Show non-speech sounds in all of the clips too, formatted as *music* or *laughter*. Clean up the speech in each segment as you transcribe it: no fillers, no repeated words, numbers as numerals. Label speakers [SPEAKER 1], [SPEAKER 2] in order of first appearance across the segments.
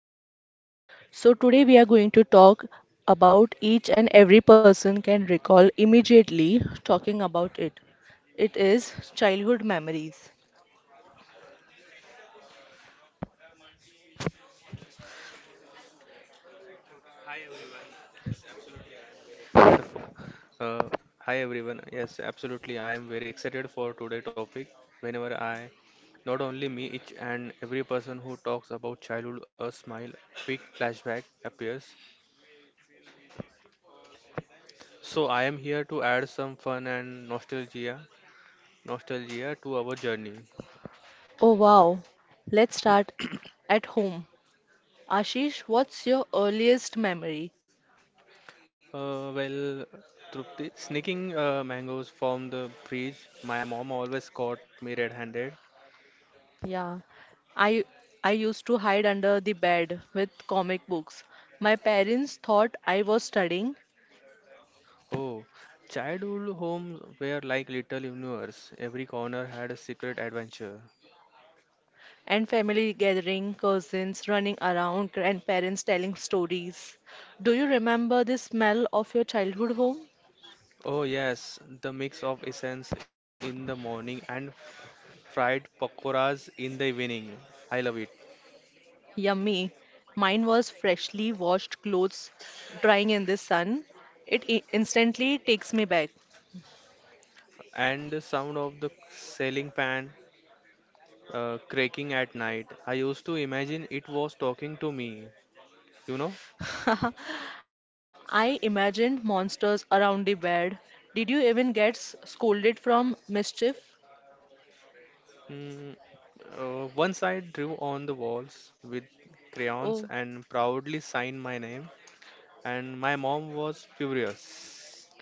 [SPEAKER 1] Ashish. So today we are going to talk about each and every person can recall immediately talking about it. It is childhood memories.
[SPEAKER 2] Wonderful. Uh, Hi everyone. Yes, absolutely. I am very excited for today topic. Whenever I, Not only me, each and every person who talks about childhood, a smile, quick flashback appears. So I am here to add some fun and nostalgia to our journey.
[SPEAKER 1] Oh wow. Let's start at home. Ashish, what's your earliest memory?
[SPEAKER 2] Well, Trupti, sneaking mangoes from the fridge. My mom always caught me red-handed.
[SPEAKER 1] Yeah, I I used to hide under the bed with comic books. My parents thought I was studying,
[SPEAKER 2] Oh, childhood homes were like little universe. Every corner had a secret adventure.
[SPEAKER 1] and family gathering, cousins running around, grandparents telling stories. Do you remember the smell of your childhood home?
[SPEAKER 2] Oh yes, the mix of essence in the morning and fried pakoras in the evening. I love it.
[SPEAKER 1] Yummy. Mine was freshly washed clothes drying in the sun. It instantly takes me back.
[SPEAKER 2] And the sound of the selling pan cracking at night. I used to imagine it was talking to me, you know?
[SPEAKER 1] *laughs* I imagined monsters around the bed. Did you even get scolded from mischief?
[SPEAKER 2] Mm, Once I drew on the walls with crayons
[SPEAKER 1] Oh.
[SPEAKER 2] and proudly signed my name. And my mom was furious.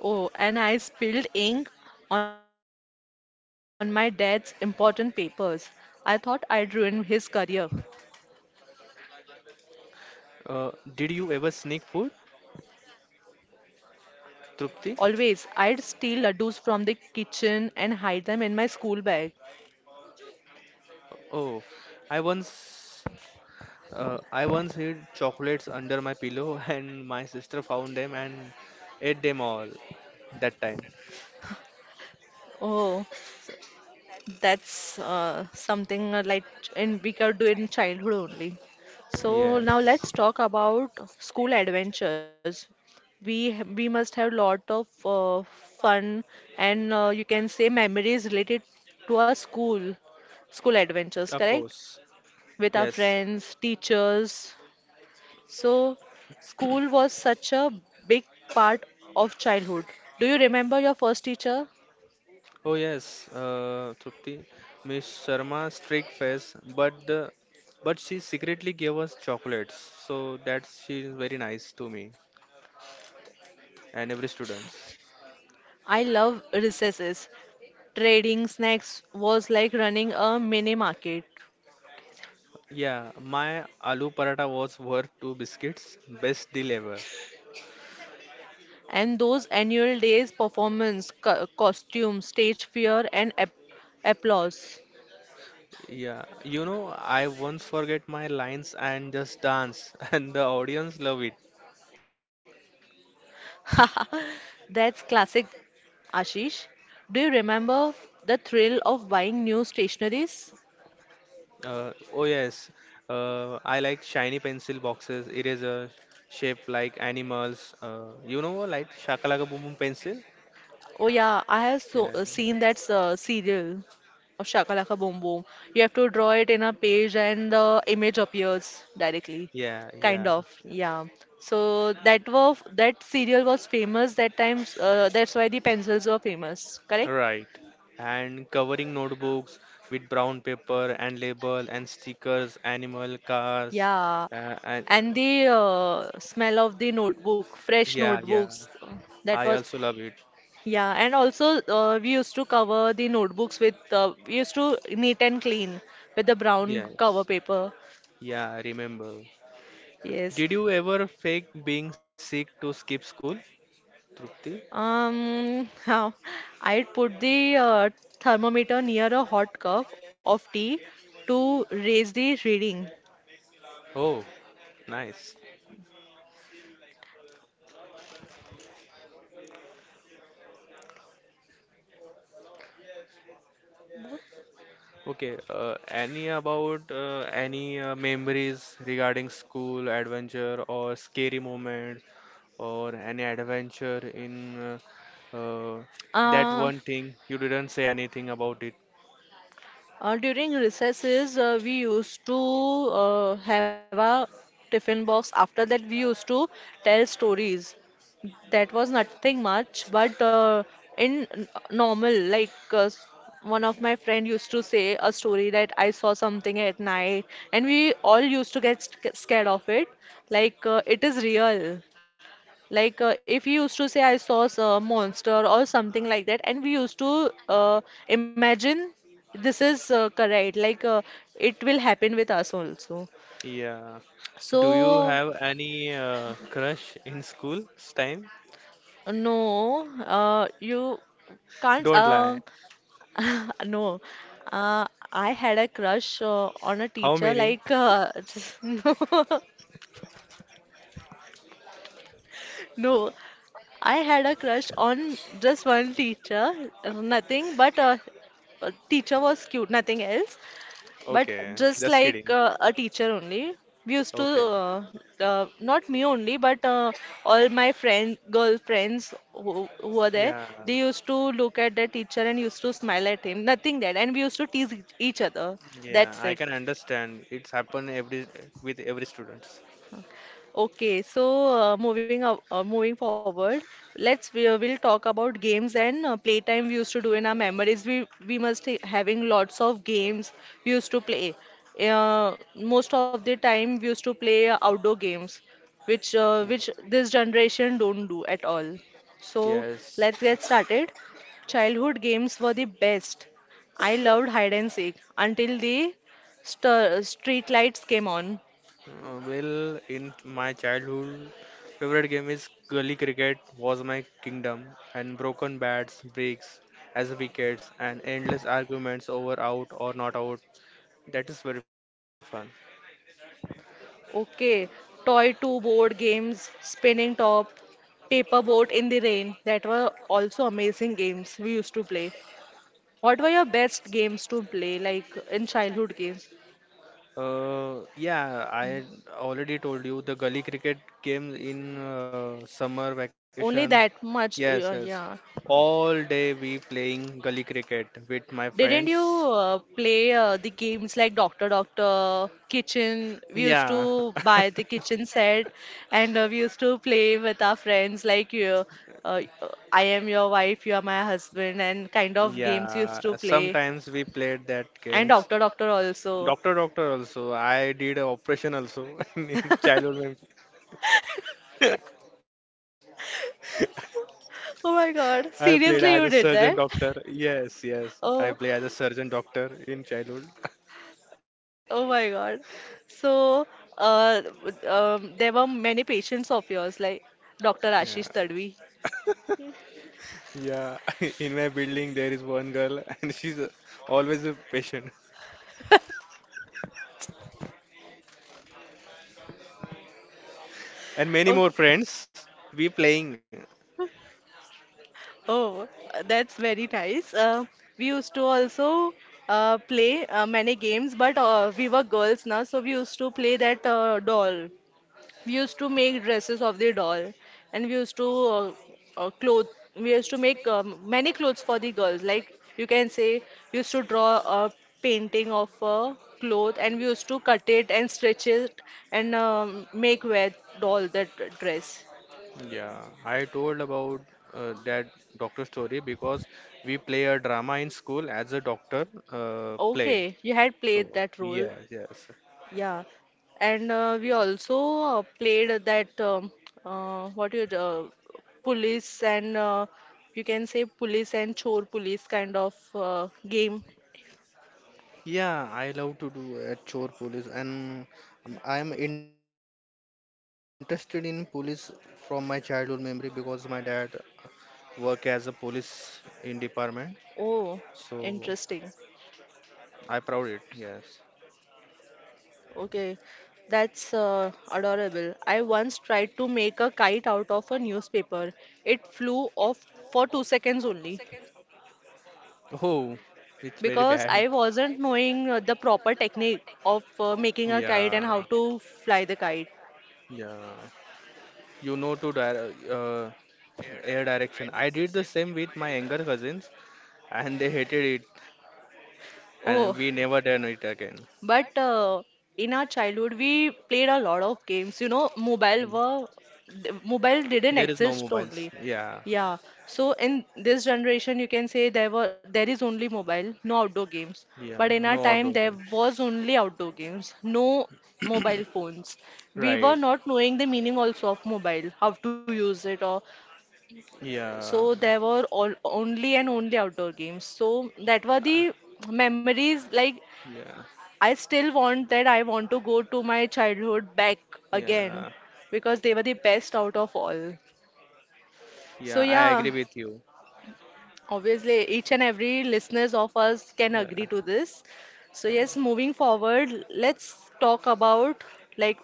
[SPEAKER 1] Oh, and I spilled ink on my dad's important papers. I thought I'd ruined his career.
[SPEAKER 2] Uh, did you ever sneak food, Trupti?
[SPEAKER 1] Always, I'd steal laddus from the kitchen and hide them in my school bag.
[SPEAKER 2] Oh, I once I once hid chocolates under my pillow *laughs* and my sister found them and ate them all that time.
[SPEAKER 1] Oh, that's something like in we could do in childhood only. So now
[SPEAKER 2] Yes,
[SPEAKER 1] let's talk about school adventures. We must have lot of uh, fun and you can say memories related to our school
[SPEAKER 2] of
[SPEAKER 1] adventures, correct?
[SPEAKER 2] course.
[SPEAKER 1] With our
[SPEAKER 2] Yes.
[SPEAKER 1] friends, teachers. So school was such a big part of childhood. Do you remember your first teacher?
[SPEAKER 2] Oh yes, Trupti, Miss Sharma's strict face, but she secretly gave us chocolates, so that she is very nice to me and every students.
[SPEAKER 1] I love recesses. Trading snacks was like running a mini market.
[SPEAKER 2] Yeah, my aloo paratha was worth two biscuits, best deal ever.
[SPEAKER 1] And those annual days performance, costume, stage fear and applause.
[SPEAKER 2] Yeah, you know I once forget my lines and just dance, *laughs* and the audience love it.
[SPEAKER 1] *laughs* That's classic, Ashish. Do you remember the thrill of buying new stationeries?
[SPEAKER 2] Oh yes, I like shiny pencil boxes, eraser shaped like animals. Like shakalaka boom boom pencil.
[SPEAKER 1] Oh yeah, I have so,
[SPEAKER 2] Yeah,
[SPEAKER 1] seen that serial of Shakalaka Boom Boom. You have to draw it in a page and the image appears directly.
[SPEAKER 2] yeah, yeah.
[SPEAKER 1] Kind of, yeah. So that was that serial was famous that times that's why the pencils were famous, correct?
[SPEAKER 2] Right. And covering notebooks with brown paper and label and stickers, animal, cars,
[SPEAKER 1] Yeah.
[SPEAKER 2] and
[SPEAKER 1] And the smell of the notebook, fresh
[SPEAKER 2] yeah, yeah.
[SPEAKER 1] notebooks, uh, that
[SPEAKER 2] I
[SPEAKER 1] was
[SPEAKER 2] also love it.
[SPEAKER 1] yeah, and also we used to cover the notebooks with we used to neat and clean with the brown
[SPEAKER 2] Yes.
[SPEAKER 1] cover paper.
[SPEAKER 2] Yeah, I remember.
[SPEAKER 1] Yes.
[SPEAKER 2] Did you ever fake being sick to skip school, Trupti?
[SPEAKER 1] How I'd put the thermometer near a hot cup of tea to raise the reading.
[SPEAKER 2] Oh, nice. Okay, any about any memories regarding school adventure or scary moments or any adventure in uh, uh, that
[SPEAKER 1] Uh,
[SPEAKER 2] one thing you didn't say anything about it.
[SPEAKER 1] During recesses, we used to have a tiffin box. After that, we used to tell stories. That was nothing much, but in normal, like one of my friend used to say a story that I saw something at night, and we all used to get scared of it. Like it is real. Like if you used to say I saw a monster or something like that, and we used to imagine this is correct. Like it will happen with us also.
[SPEAKER 2] Yeah. Do you
[SPEAKER 1] So
[SPEAKER 2] have any crush in school time?
[SPEAKER 1] no, you can't.
[SPEAKER 2] Don't lie.
[SPEAKER 1] *laughs* No, uh, I had a crush on a
[SPEAKER 2] How
[SPEAKER 1] teacher.
[SPEAKER 2] many?
[SPEAKER 1] Like
[SPEAKER 2] *laughs*
[SPEAKER 1] *laughs* just, no, *laughs* no, I had a crush on just one teacher. Nothing but teacher was cute. Nothing else. But
[SPEAKER 2] Okay,
[SPEAKER 1] just
[SPEAKER 2] just
[SPEAKER 1] like
[SPEAKER 2] kidding.
[SPEAKER 1] a teacher only, we used to,
[SPEAKER 2] Okay.
[SPEAKER 1] not me only, but all my friend, girlfriends who are there,
[SPEAKER 2] Yeah.
[SPEAKER 1] they used to look at the teacher and used to smile at him. Nothing that. And we used to tease each other.
[SPEAKER 2] Yeah,
[SPEAKER 1] That's
[SPEAKER 2] I
[SPEAKER 1] it.
[SPEAKER 2] can understand. It's happened every with every students.
[SPEAKER 1] Okay, so moving forward, let's we will talk about games and playtime we used to do in our memories. We must having lots of games we used to play. Most of the time we used to play outdoor games, which this generation don't do at all. So
[SPEAKER 2] Yes.
[SPEAKER 1] let's get started. Childhood games were the best. I loved hide and seek until the st street lights came on.
[SPEAKER 2] Well, in my childhood, favorite game is gully cricket was my kingdom, and broken bats, bricks as wickets, and endless arguments over out or not out. That is very fun.
[SPEAKER 1] Okay, toy to board games, spinning top, paper boat in the rain. That were also amazing games we used to play. What were your best games to play, like in childhood games?
[SPEAKER 2] Yeah, I already told you the gully cricket came in summer
[SPEAKER 1] Only
[SPEAKER 2] vacation.
[SPEAKER 1] that much,
[SPEAKER 2] Yes, yes.
[SPEAKER 1] yeah.
[SPEAKER 2] All day we playing gully cricket with my
[SPEAKER 1] Didn't you
[SPEAKER 2] friends.
[SPEAKER 1] play the games like Doctor Doctor, Kitchen? We used
[SPEAKER 2] Yeah.
[SPEAKER 1] to buy the kitchen set and we used to play with our friends like uh, I am your wife, you are my husband, and kind of games we used to
[SPEAKER 2] Yeah,
[SPEAKER 1] play.
[SPEAKER 2] sometimes we played that
[SPEAKER 1] And Doctor
[SPEAKER 2] games.
[SPEAKER 1] Doctor also.
[SPEAKER 2] Doctor Doctor also. I did a operation also *laughs* in childhood memory.
[SPEAKER 1] Oh my God.
[SPEAKER 2] *laughs* I
[SPEAKER 1] Seriously,
[SPEAKER 2] played
[SPEAKER 1] you
[SPEAKER 2] as a
[SPEAKER 1] did that?
[SPEAKER 2] surgeon doctor. Yes, yes.
[SPEAKER 1] Oh,
[SPEAKER 2] I play as a surgeon doctor in childhood. *laughs*
[SPEAKER 1] oh my God. So, there were many patients of yours, like Dr. Ashish Tadvi.
[SPEAKER 2] Yeah. *laughs* Yeah, *laughs* in my building there is one girl *laughs* and she's always a patient. And many more
[SPEAKER 1] Oh,
[SPEAKER 2] friends. We playing.
[SPEAKER 1] oh, that's very nice. We used to also play many games, but we were girls now, so we used to play that doll. We used to make dresses of the doll and we used to uh, clothe we used to make many clothes for the girls like you can say we used to draw a painting of a cloth and we used to cut it and stretch it and make wear doll that dress.
[SPEAKER 2] Yeah, I told about that doctor story because we play a drama in school as a doctor play.
[SPEAKER 1] Okay, you had played
[SPEAKER 2] So,
[SPEAKER 1] that role.
[SPEAKER 2] yes, yes.
[SPEAKER 1] Yeah, and we also played that what you police and you can say police and chore police kind of game.
[SPEAKER 2] Yeah, I love to do a chore police and I'm interested in police from my childhood memory because my dad work as a police in department.
[SPEAKER 1] Oh,
[SPEAKER 2] So
[SPEAKER 1] interesting.
[SPEAKER 2] I proud it. Yes.
[SPEAKER 1] Okay, that's adorable. I once tried to make a kite out of a newspaper. It flew off for 2 seconds only
[SPEAKER 2] Oh, it's very bad.
[SPEAKER 1] because I wasn't knowing the proper technique of making
[SPEAKER 2] Yeah,
[SPEAKER 1] a kite and how to fly the kite.
[SPEAKER 2] yeah. You know to air direction. I did the same with my younger cousins, and they hated it, and
[SPEAKER 1] Oh,
[SPEAKER 2] we never done it again.
[SPEAKER 1] but in our childhood, we played a lot of games. You know,
[SPEAKER 2] Yeah.
[SPEAKER 1] mobile didn't
[SPEAKER 2] There is no
[SPEAKER 1] exist
[SPEAKER 2] mobiles.
[SPEAKER 1] only.
[SPEAKER 2] Yeah,
[SPEAKER 1] Yeah. So in this generation, you can say there were there is only mobile, no outdoor games.
[SPEAKER 2] yeah.
[SPEAKER 1] But in
[SPEAKER 2] No
[SPEAKER 1] our
[SPEAKER 2] outdoor
[SPEAKER 1] time, there
[SPEAKER 2] games.
[SPEAKER 1] was only outdoor games, no mobile phones.
[SPEAKER 2] Right.
[SPEAKER 1] We were not knowing the meaning also of mobile, how to use it or
[SPEAKER 2] Yeah.
[SPEAKER 1] so there were all only and only outdoor games. So that were the memories like
[SPEAKER 2] Yeah,
[SPEAKER 1] I still want that I want to go to my childhood back
[SPEAKER 2] yeah,
[SPEAKER 1] again because they were the best out of all.
[SPEAKER 2] yeah.
[SPEAKER 1] So
[SPEAKER 2] I agree
[SPEAKER 1] yeah,
[SPEAKER 2] with you.
[SPEAKER 1] obviously each and every listeners of us can
[SPEAKER 2] Yeah,
[SPEAKER 1] agree to this. So yes,
[SPEAKER 2] and-
[SPEAKER 1] moving forward, let's talk about like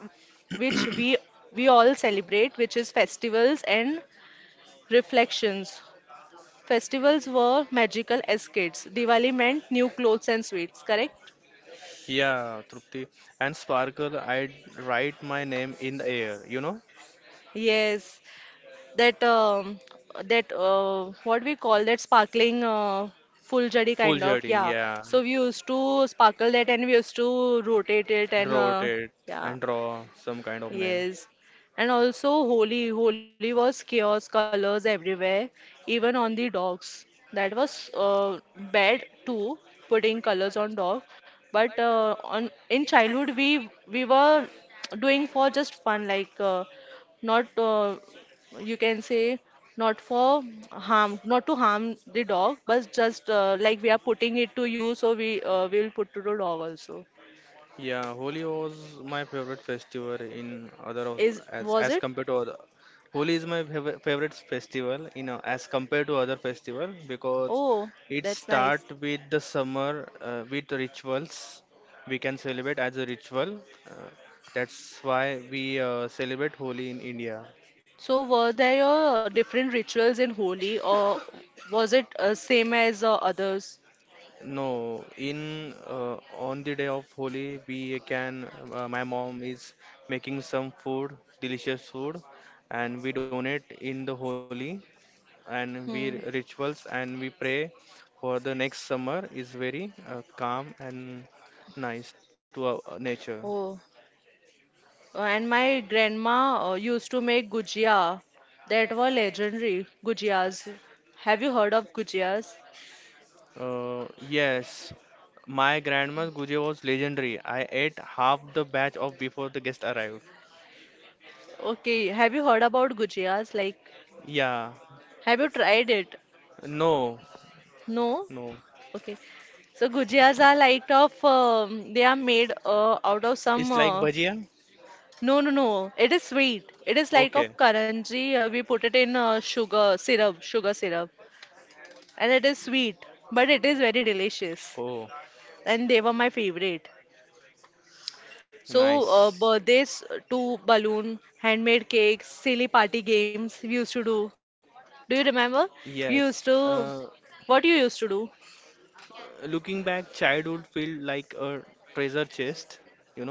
[SPEAKER 1] which we all celebrate, which is festivals and reflections. Festivals were magical escapes. Diwali meant new clothes and sweets, correct?
[SPEAKER 2] yeah, Trupti. And Sparkle, I'd write my name in the air, you know?
[SPEAKER 1] Yes. That what we call that sparkling full jari
[SPEAKER 2] Full
[SPEAKER 1] kind of,
[SPEAKER 2] journey,
[SPEAKER 1] yeah.
[SPEAKER 2] yeah.
[SPEAKER 1] So we used to sparkle that and we used to rotate it and
[SPEAKER 2] Rotate
[SPEAKER 1] yeah.
[SPEAKER 2] and draw some kind of name.
[SPEAKER 1] Yes. And also Holi. Holi was chaos, colors everywhere, even on the dogs. That was bad too, putting colors on dog. But on in childhood we were doing for just fun, like not you can say not for harm, not to harm the dog, but just like we are putting it to you, so we will put to the dog also.
[SPEAKER 2] Yeah, Holi was my favorite festival
[SPEAKER 1] Is
[SPEAKER 2] as
[SPEAKER 1] was it?
[SPEAKER 2] compared to other. Holi is my favorite festival in as compared to other festival because
[SPEAKER 1] Oh,
[SPEAKER 2] it
[SPEAKER 1] that's nice.
[SPEAKER 2] start with the summer with rituals. We can celebrate as a ritual. Uh, that's why we celebrate Holi in India.
[SPEAKER 1] So were there different rituals in Holi or was it same as others?
[SPEAKER 2] No, in on the day of Holi, we can. My mom is making some food, delicious food, and we donate in the Holi, and we
[SPEAKER 1] Hmm.
[SPEAKER 2] rituals and we pray for the next summer is very calm and nice to our nature.
[SPEAKER 1] Oh. And my grandma used to make gujia, that were legendary gujias. Have you heard of gujias?
[SPEAKER 2] Yes, my grandma's guji was legendary. I ate half the batch of before the guest arrived.
[SPEAKER 1] Okay, have you heard about gujias? Like,
[SPEAKER 2] Yeah,
[SPEAKER 1] have you tried it?
[SPEAKER 2] no,
[SPEAKER 1] No?
[SPEAKER 2] no.
[SPEAKER 1] Okay. So gujias are like of they are made out of some
[SPEAKER 2] It's like bhajia?
[SPEAKER 1] no, no, no. It is sweet. It is like of
[SPEAKER 2] Okay.
[SPEAKER 1] karanji. We put it in sugar syrup, and it is sweet, but it is very delicious.
[SPEAKER 2] Oh,
[SPEAKER 1] And they were my favorite. So
[SPEAKER 2] nice.
[SPEAKER 1] birthdays to balloon, handmade cakes, silly party games we used to do. Do you remember? We
[SPEAKER 2] Yes.
[SPEAKER 1] used to. What you used to do?
[SPEAKER 2] Looking back, childhood felt like a treasure chest, you know?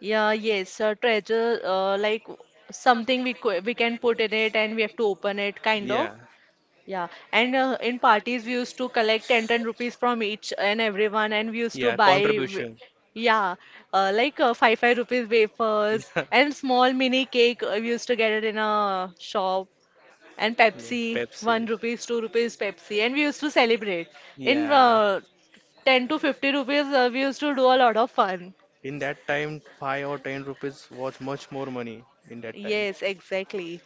[SPEAKER 1] Yeah, yes, treasure, like something we co we can put in it and we have to open it, kind
[SPEAKER 2] Yeah.
[SPEAKER 1] of. Yeah, and in parties we used to collect 10 10 rupees from each and everyone, and we used
[SPEAKER 2] Yeah,
[SPEAKER 1] to buy,
[SPEAKER 2] contribution.
[SPEAKER 1] yeah, 5 5 rupees wafers and small mini
[SPEAKER 2] Yeah. *laughs*
[SPEAKER 1] cake. We used to get it in a shop, and Pepsi, 1 rupees, 2 rupees Pepsi, and we used to celebrate. In
[SPEAKER 2] Yeah.
[SPEAKER 1] 10 to 50 rupees, we used to do a lot of fun.
[SPEAKER 2] In that time, 5 or 10 rupees was much more money in that time.
[SPEAKER 1] Yes, exactly.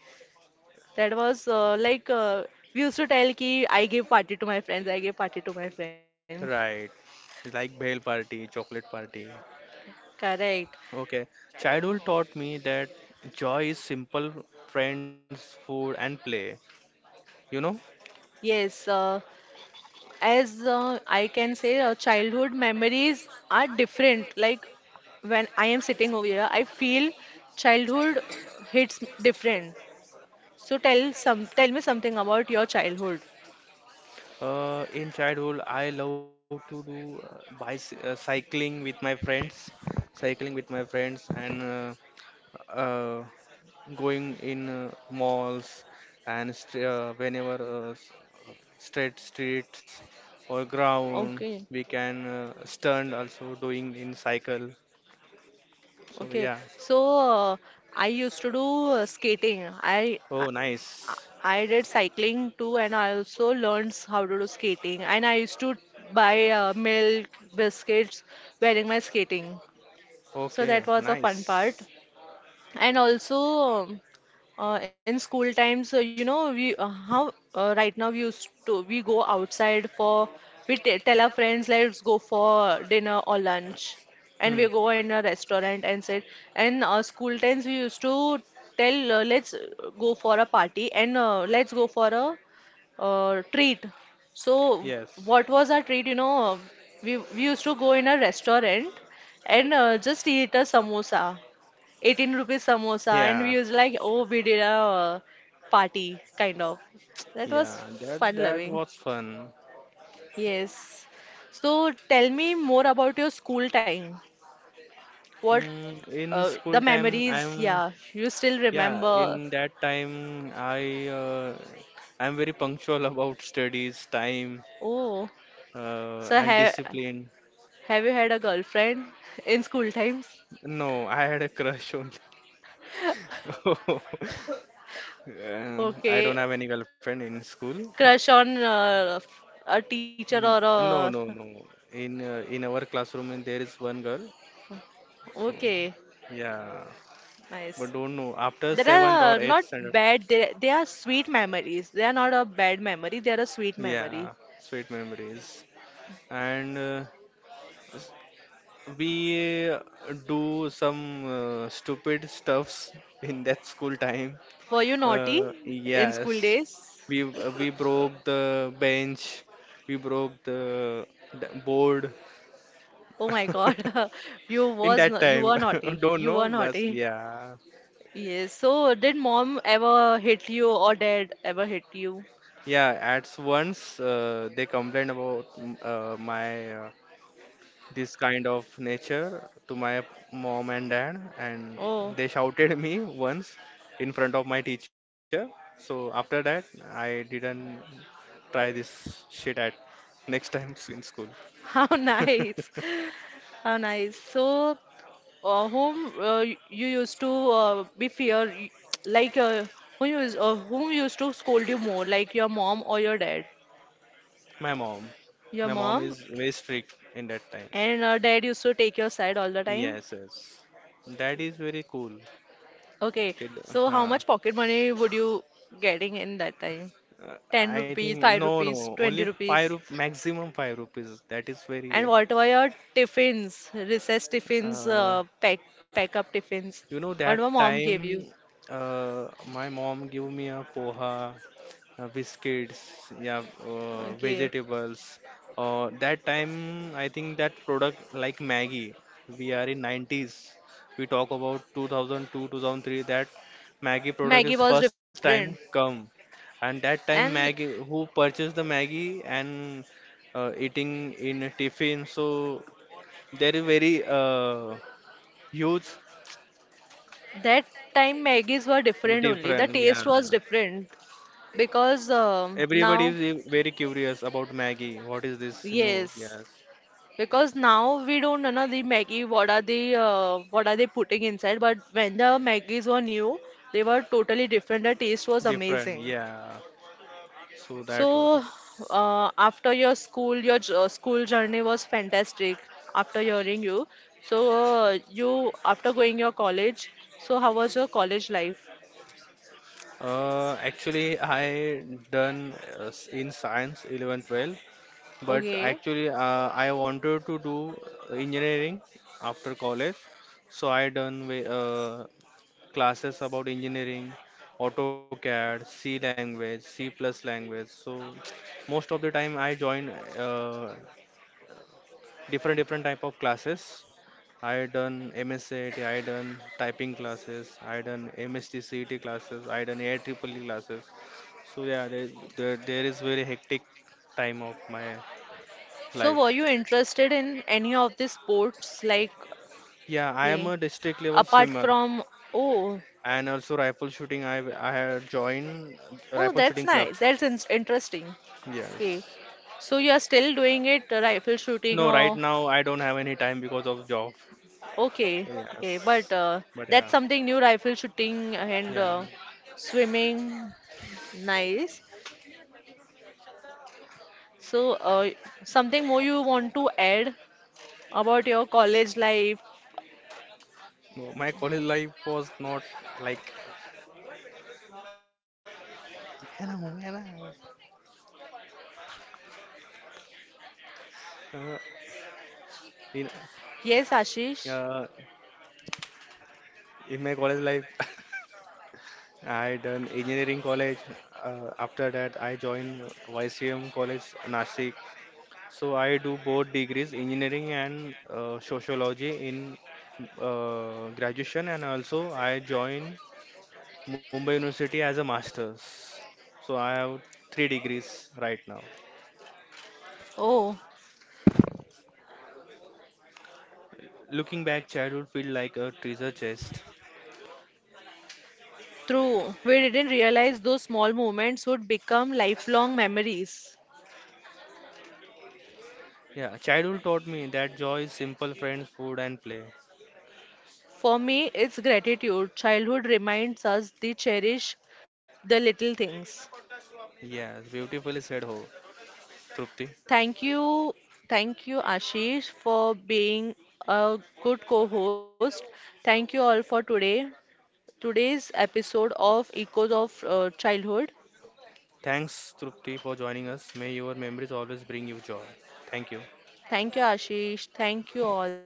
[SPEAKER 1] That was we used to tell ki I give party to my friends, I give party to my friends.
[SPEAKER 2] Right. Like bhel party, chocolate party.
[SPEAKER 1] Correct.
[SPEAKER 2] Okay. Childhood taught me that joy is simple friends, food, and play. You know,
[SPEAKER 1] Yes, as I can say, childhood memories are different. Like when I am sitting over here, I feel childhood hits different. So tell me something about your childhood.
[SPEAKER 2] in childhood, I love to do uh, bicy cycling with my friends, and uh, going in malls and whenever uh, s- straight streets or
[SPEAKER 1] Okay,
[SPEAKER 2] ground we can stand also doing in cycle so
[SPEAKER 1] okay.
[SPEAKER 2] yeah.
[SPEAKER 1] So I used to do skating. I,
[SPEAKER 2] Oh,
[SPEAKER 1] I
[SPEAKER 2] nice.
[SPEAKER 1] I did cycling too, and I also learned how to do skating. And I used to buy milk, biscuits, wearing my skating. So
[SPEAKER 2] Okay,
[SPEAKER 1] that was a
[SPEAKER 2] nice.
[SPEAKER 1] fun part. And also, um, in school times, you know, we how right now we used to we go outside for we t tell our friends let's go for dinner or lunch,
[SPEAKER 2] Hmm.
[SPEAKER 1] and we go in a restaurant and said. And school times we used to tell let's go for a party and let's go for a treat. So
[SPEAKER 2] Yes.
[SPEAKER 1] what was our treat? You know, we used to go in a restaurant and just eat a samosa, 18 rupees samosa, and
[SPEAKER 2] Yeah.
[SPEAKER 1] we was like, oh, we did a party kind of. That was
[SPEAKER 2] Yeah, that
[SPEAKER 1] fun
[SPEAKER 2] that
[SPEAKER 1] loving.
[SPEAKER 2] was fun.
[SPEAKER 1] Yes. So tell me more about your school time. What
[SPEAKER 2] In school
[SPEAKER 1] the
[SPEAKER 2] time,
[SPEAKER 1] memories?
[SPEAKER 2] I'm
[SPEAKER 1] Yeah, you still
[SPEAKER 2] yeah.
[SPEAKER 1] remember.
[SPEAKER 2] In that time, I'm very punctual *laughs* about studies, time,
[SPEAKER 1] Oh, so
[SPEAKER 2] and discipline.
[SPEAKER 1] have you had a girlfriend in school times?
[SPEAKER 2] No, I had a crush only. *laughs* I
[SPEAKER 1] Okay.
[SPEAKER 2] don't have any girlfriend in school.
[SPEAKER 1] Crush on a teacher
[SPEAKER 2] Mm,
[SPEAKER 1] or
[SPEAKER 2] No, no,
[SPEAKER 1] a.
[SPEAKER 2] no. In our classroom, and there is one girl. So
[SPEAKER 1] Okay.
[SPEAKER 2] yeah, but
[SPEAKER 1] Nice.
[SPEAKER 2] don't know after
[SPEAKER 1] There
[SPEAKER 2] seventh or
[SPEAKER 1] are
[SPEAKER 2] eighth
[SPEAKER 1] not
[SPEAKER 2] standard.
[SPEAKER 1] bad, they are sweet memories. They are not a bad memory, they are a sweet
[SPEAKER 2] Yeah,
[SPEAKER 1] memory.
[SPEAKER 2] sweet memories. And we do some stupid stuffs *laughs* in that school time.
[SPEAKER 1] Were you naughty in school
[SPEAKER 2] Yes,
[SPEAKER 1] days?
[SPEAKER 2] we broke the bench, we broke the board
[SPEAKER 1] Oh my God. *laughs* You
[SPEAKER 2] *laughs* in
[SPEAKER 1] was
[SPEAKER 2] that
[SPEAKER 1] no, you
[SPEAKER 2] time.
[SPEAKER 1] were naughty.
[SPEAKER 2] *laughs* Don't
[SPEAKER 1] You were
[SPEAKER 2] know, but
[SPEAKER 1] naughty.
[SPEAKER 2] yeah.
[SPEAKER 1] Yes. So did mom ever hit you or dad ever hit you?
[SPEAKER 2] Yeah, at once they complained about my this kind of nature to my mom and dad, and
[SPEAKER 1] Oh,
[SPEAKER 2] they shouted me once in front of my teacher. So after that, I didn't try this shit at next time *laughs* in school.
[SPEAKER 1] *laughs* how
[SPEAKER 2] *laughs*
[SPEAKER 1] nice. How nice. So you used to be fear like uh, who used whom used to scold you more, like your mom or your dad,
[SPEAKER 2] My mom, my
[SPEAKER 1] your
[SPEAKER 2] mom
[SPEAKER 1] mom,
[SPEAKER 2] is very strict in that time.
[SPEAKER 1] and dad used to take your side all the time.
[SPEAKER 2] Yes, yes, that is very cool.
[SPEAKER 1] Okay, so how
[SPEAKER 2] Huh.
[SPEAKER 1] much pocket money would you getting in that time,
[SPEAKER 2] Uh,
[SPEAKER 1] 10
[SPEAKER 2] I
[SPEAKER 1] rupees,
[SPEAKER 2] think
[SPEAKER 1] 5
[SPEAKER 2] no,
[SPEAKER 1] rupees,
[SPEAKER 2] no,
[SPEAKER 1] 20
[SPEAKER 2] only
[SPEAKER 1] rupees?
[SPEAKER 2] five rup maximum five rupees. That is
[SPEAKER 1] And
[SPEAKER 2] very.
[SPEAKER 1] what were your tiffins, recess tiffins,
[SPEAKER 2] Uh,
[SPEAKER 1] pack up tiffins, what
[SPEAKER 2] that
[SPEAKER 1] my mom gave you?
[SPEAKER 2] time, uh, my mom gave me a poha, biscuits, yeah,
[SPEAKER 1] Okay,
[SPEAKER 2] vegetables. That time, I think that product like Maggie, we are in 90s. We talk about 2002, 2003. That Maggie product
[SPEAKER 1] maggie
[SPEAKER 2] is
[SPEAKER 1] was
[SPEAKER 2] first time
[SPEAKER 1] different.
[SPEAKER 2] come, and that time
[SPEAKER 1] And
[SPEAKER 2] Maggie who purchased the Maggie and eating in a tiffin. So there is very huge
[SPEAKER 1] that time Maggies were different only. The
[SPEAKER 2] different.
[SPEAKER 1] taste
[SPEAKER 2] Yeah,
[SPEAKER 1] was different because
[SPEAKER 2] everybody
[SPEAKER 1] now,
[SPEAKER 2] is very curious about Maggie. What is this new?
[SPEAKER 1] yes,
[SPEAKER 2] Yes,
[SPEAKER 1] because now we don't know the Maggie what are the what are they putting inside. But when the Maggies were new, they were totally different. The taste was
[SPEAKER 2] different.
[SPEAKER 1] amazing.
[SPEAKER 2] Yeah. So that
[SPEAKER 1] So
[SPEAKER 2] was.
[SPEAKER 1] after your school, your school journey was fantastic. After hearing you, so you after going your college, so how was your college life?
[SPEAKER 2] Actually, I done in science 11, 12, but
[SPEAKER 1] Okay.
[SPEAKER 2] actually, I wanted to do engineering after college. So I done classes about engineering, AutoCAD, C language, C plus language. So *tsk* most of the time, I join uh, different type of classes. I done MSAT, I done typing classes, I done MST classes, I done AIEEE classes. So yeah, there is very hectic time of my
[SPEAKER 1] So, were you
[SPEAKER 2] life.
[SPEAKER 1] interested in any of the sports like
[SPEAKER 2] Yeah, I am
[SPEAKER 1] play
[SPEAKER 2] a district level
[SPEAKER 1] apart
[SPEAKER 2] swimmer
[SPEAKER 1] from? Oh,
[SPEAKER 2] and also rifle shooting. I have joined
[SPEAKER 1] oh,
[SPEAKER 2] rifle
[SPEAKER 1] that's
[SPEAKER 2] shooting club.
[SPEAKER 1] nice. That's in interesting. Okay,
[SPEAKER 2] Yes.
[SPEAKER 1] so you are still doing it, rifle shooting,
[SPEAKER 2] No, right
[SPEAKER 1] or
[SPEAKER 2] now I don't have any time because of job.
[SPEAKER 1] okay, okay, but
[SPEAKER 2] Yes. But
[SPEAKER 1] that's
[SPEAKER 2] yeah,
[SPEAKER 1] something new, rifle shooting and
[SPEAKER 2] yeah.
[SPEAKER 1] swimming. Nice. So, something more you want to add about your college life?
[SPEAKER 2] No, my college life was not like yeah, no, yeah, no. Uh, in
[SPEAKER 1] Yes, Ashish.
[SPEAKER 2] uh, in my college life, *laughs* I done engineering college. After that, I joined YCM College Nashik. So I do both degrees, engineering and sociology in graduation, and also I joined Mumbai University as a master's. So I have three degrees right now.
[SPEAKER 1] Oh.
[SPEAKER 2] Looking back, childhood feel like a treasure chest.
[SPEAKER 1] True, we didn't realize those small moments would become lifelong memories.
[SPEAKER 2] Yeah, childhood taught me that joy is simple friends, food, and play.
[SPEAKER 1] For me, it's gratitude. Childhood reminds us to cherish the little things.
[SPEAKER 2] Yes, beautifully said, Ho. Trupti.
[SPEAKER 1] Thank you, thank you, Ashish, for being a good co host. Thank you all for today. Today's episode of Echoes of Childhood.
[SPEAKER 2] Thanks, Trupti, for joining us. May your memories always bring you joy. Thank you.
[SPEAKER 1] Thank you, Ashish. Thank you all.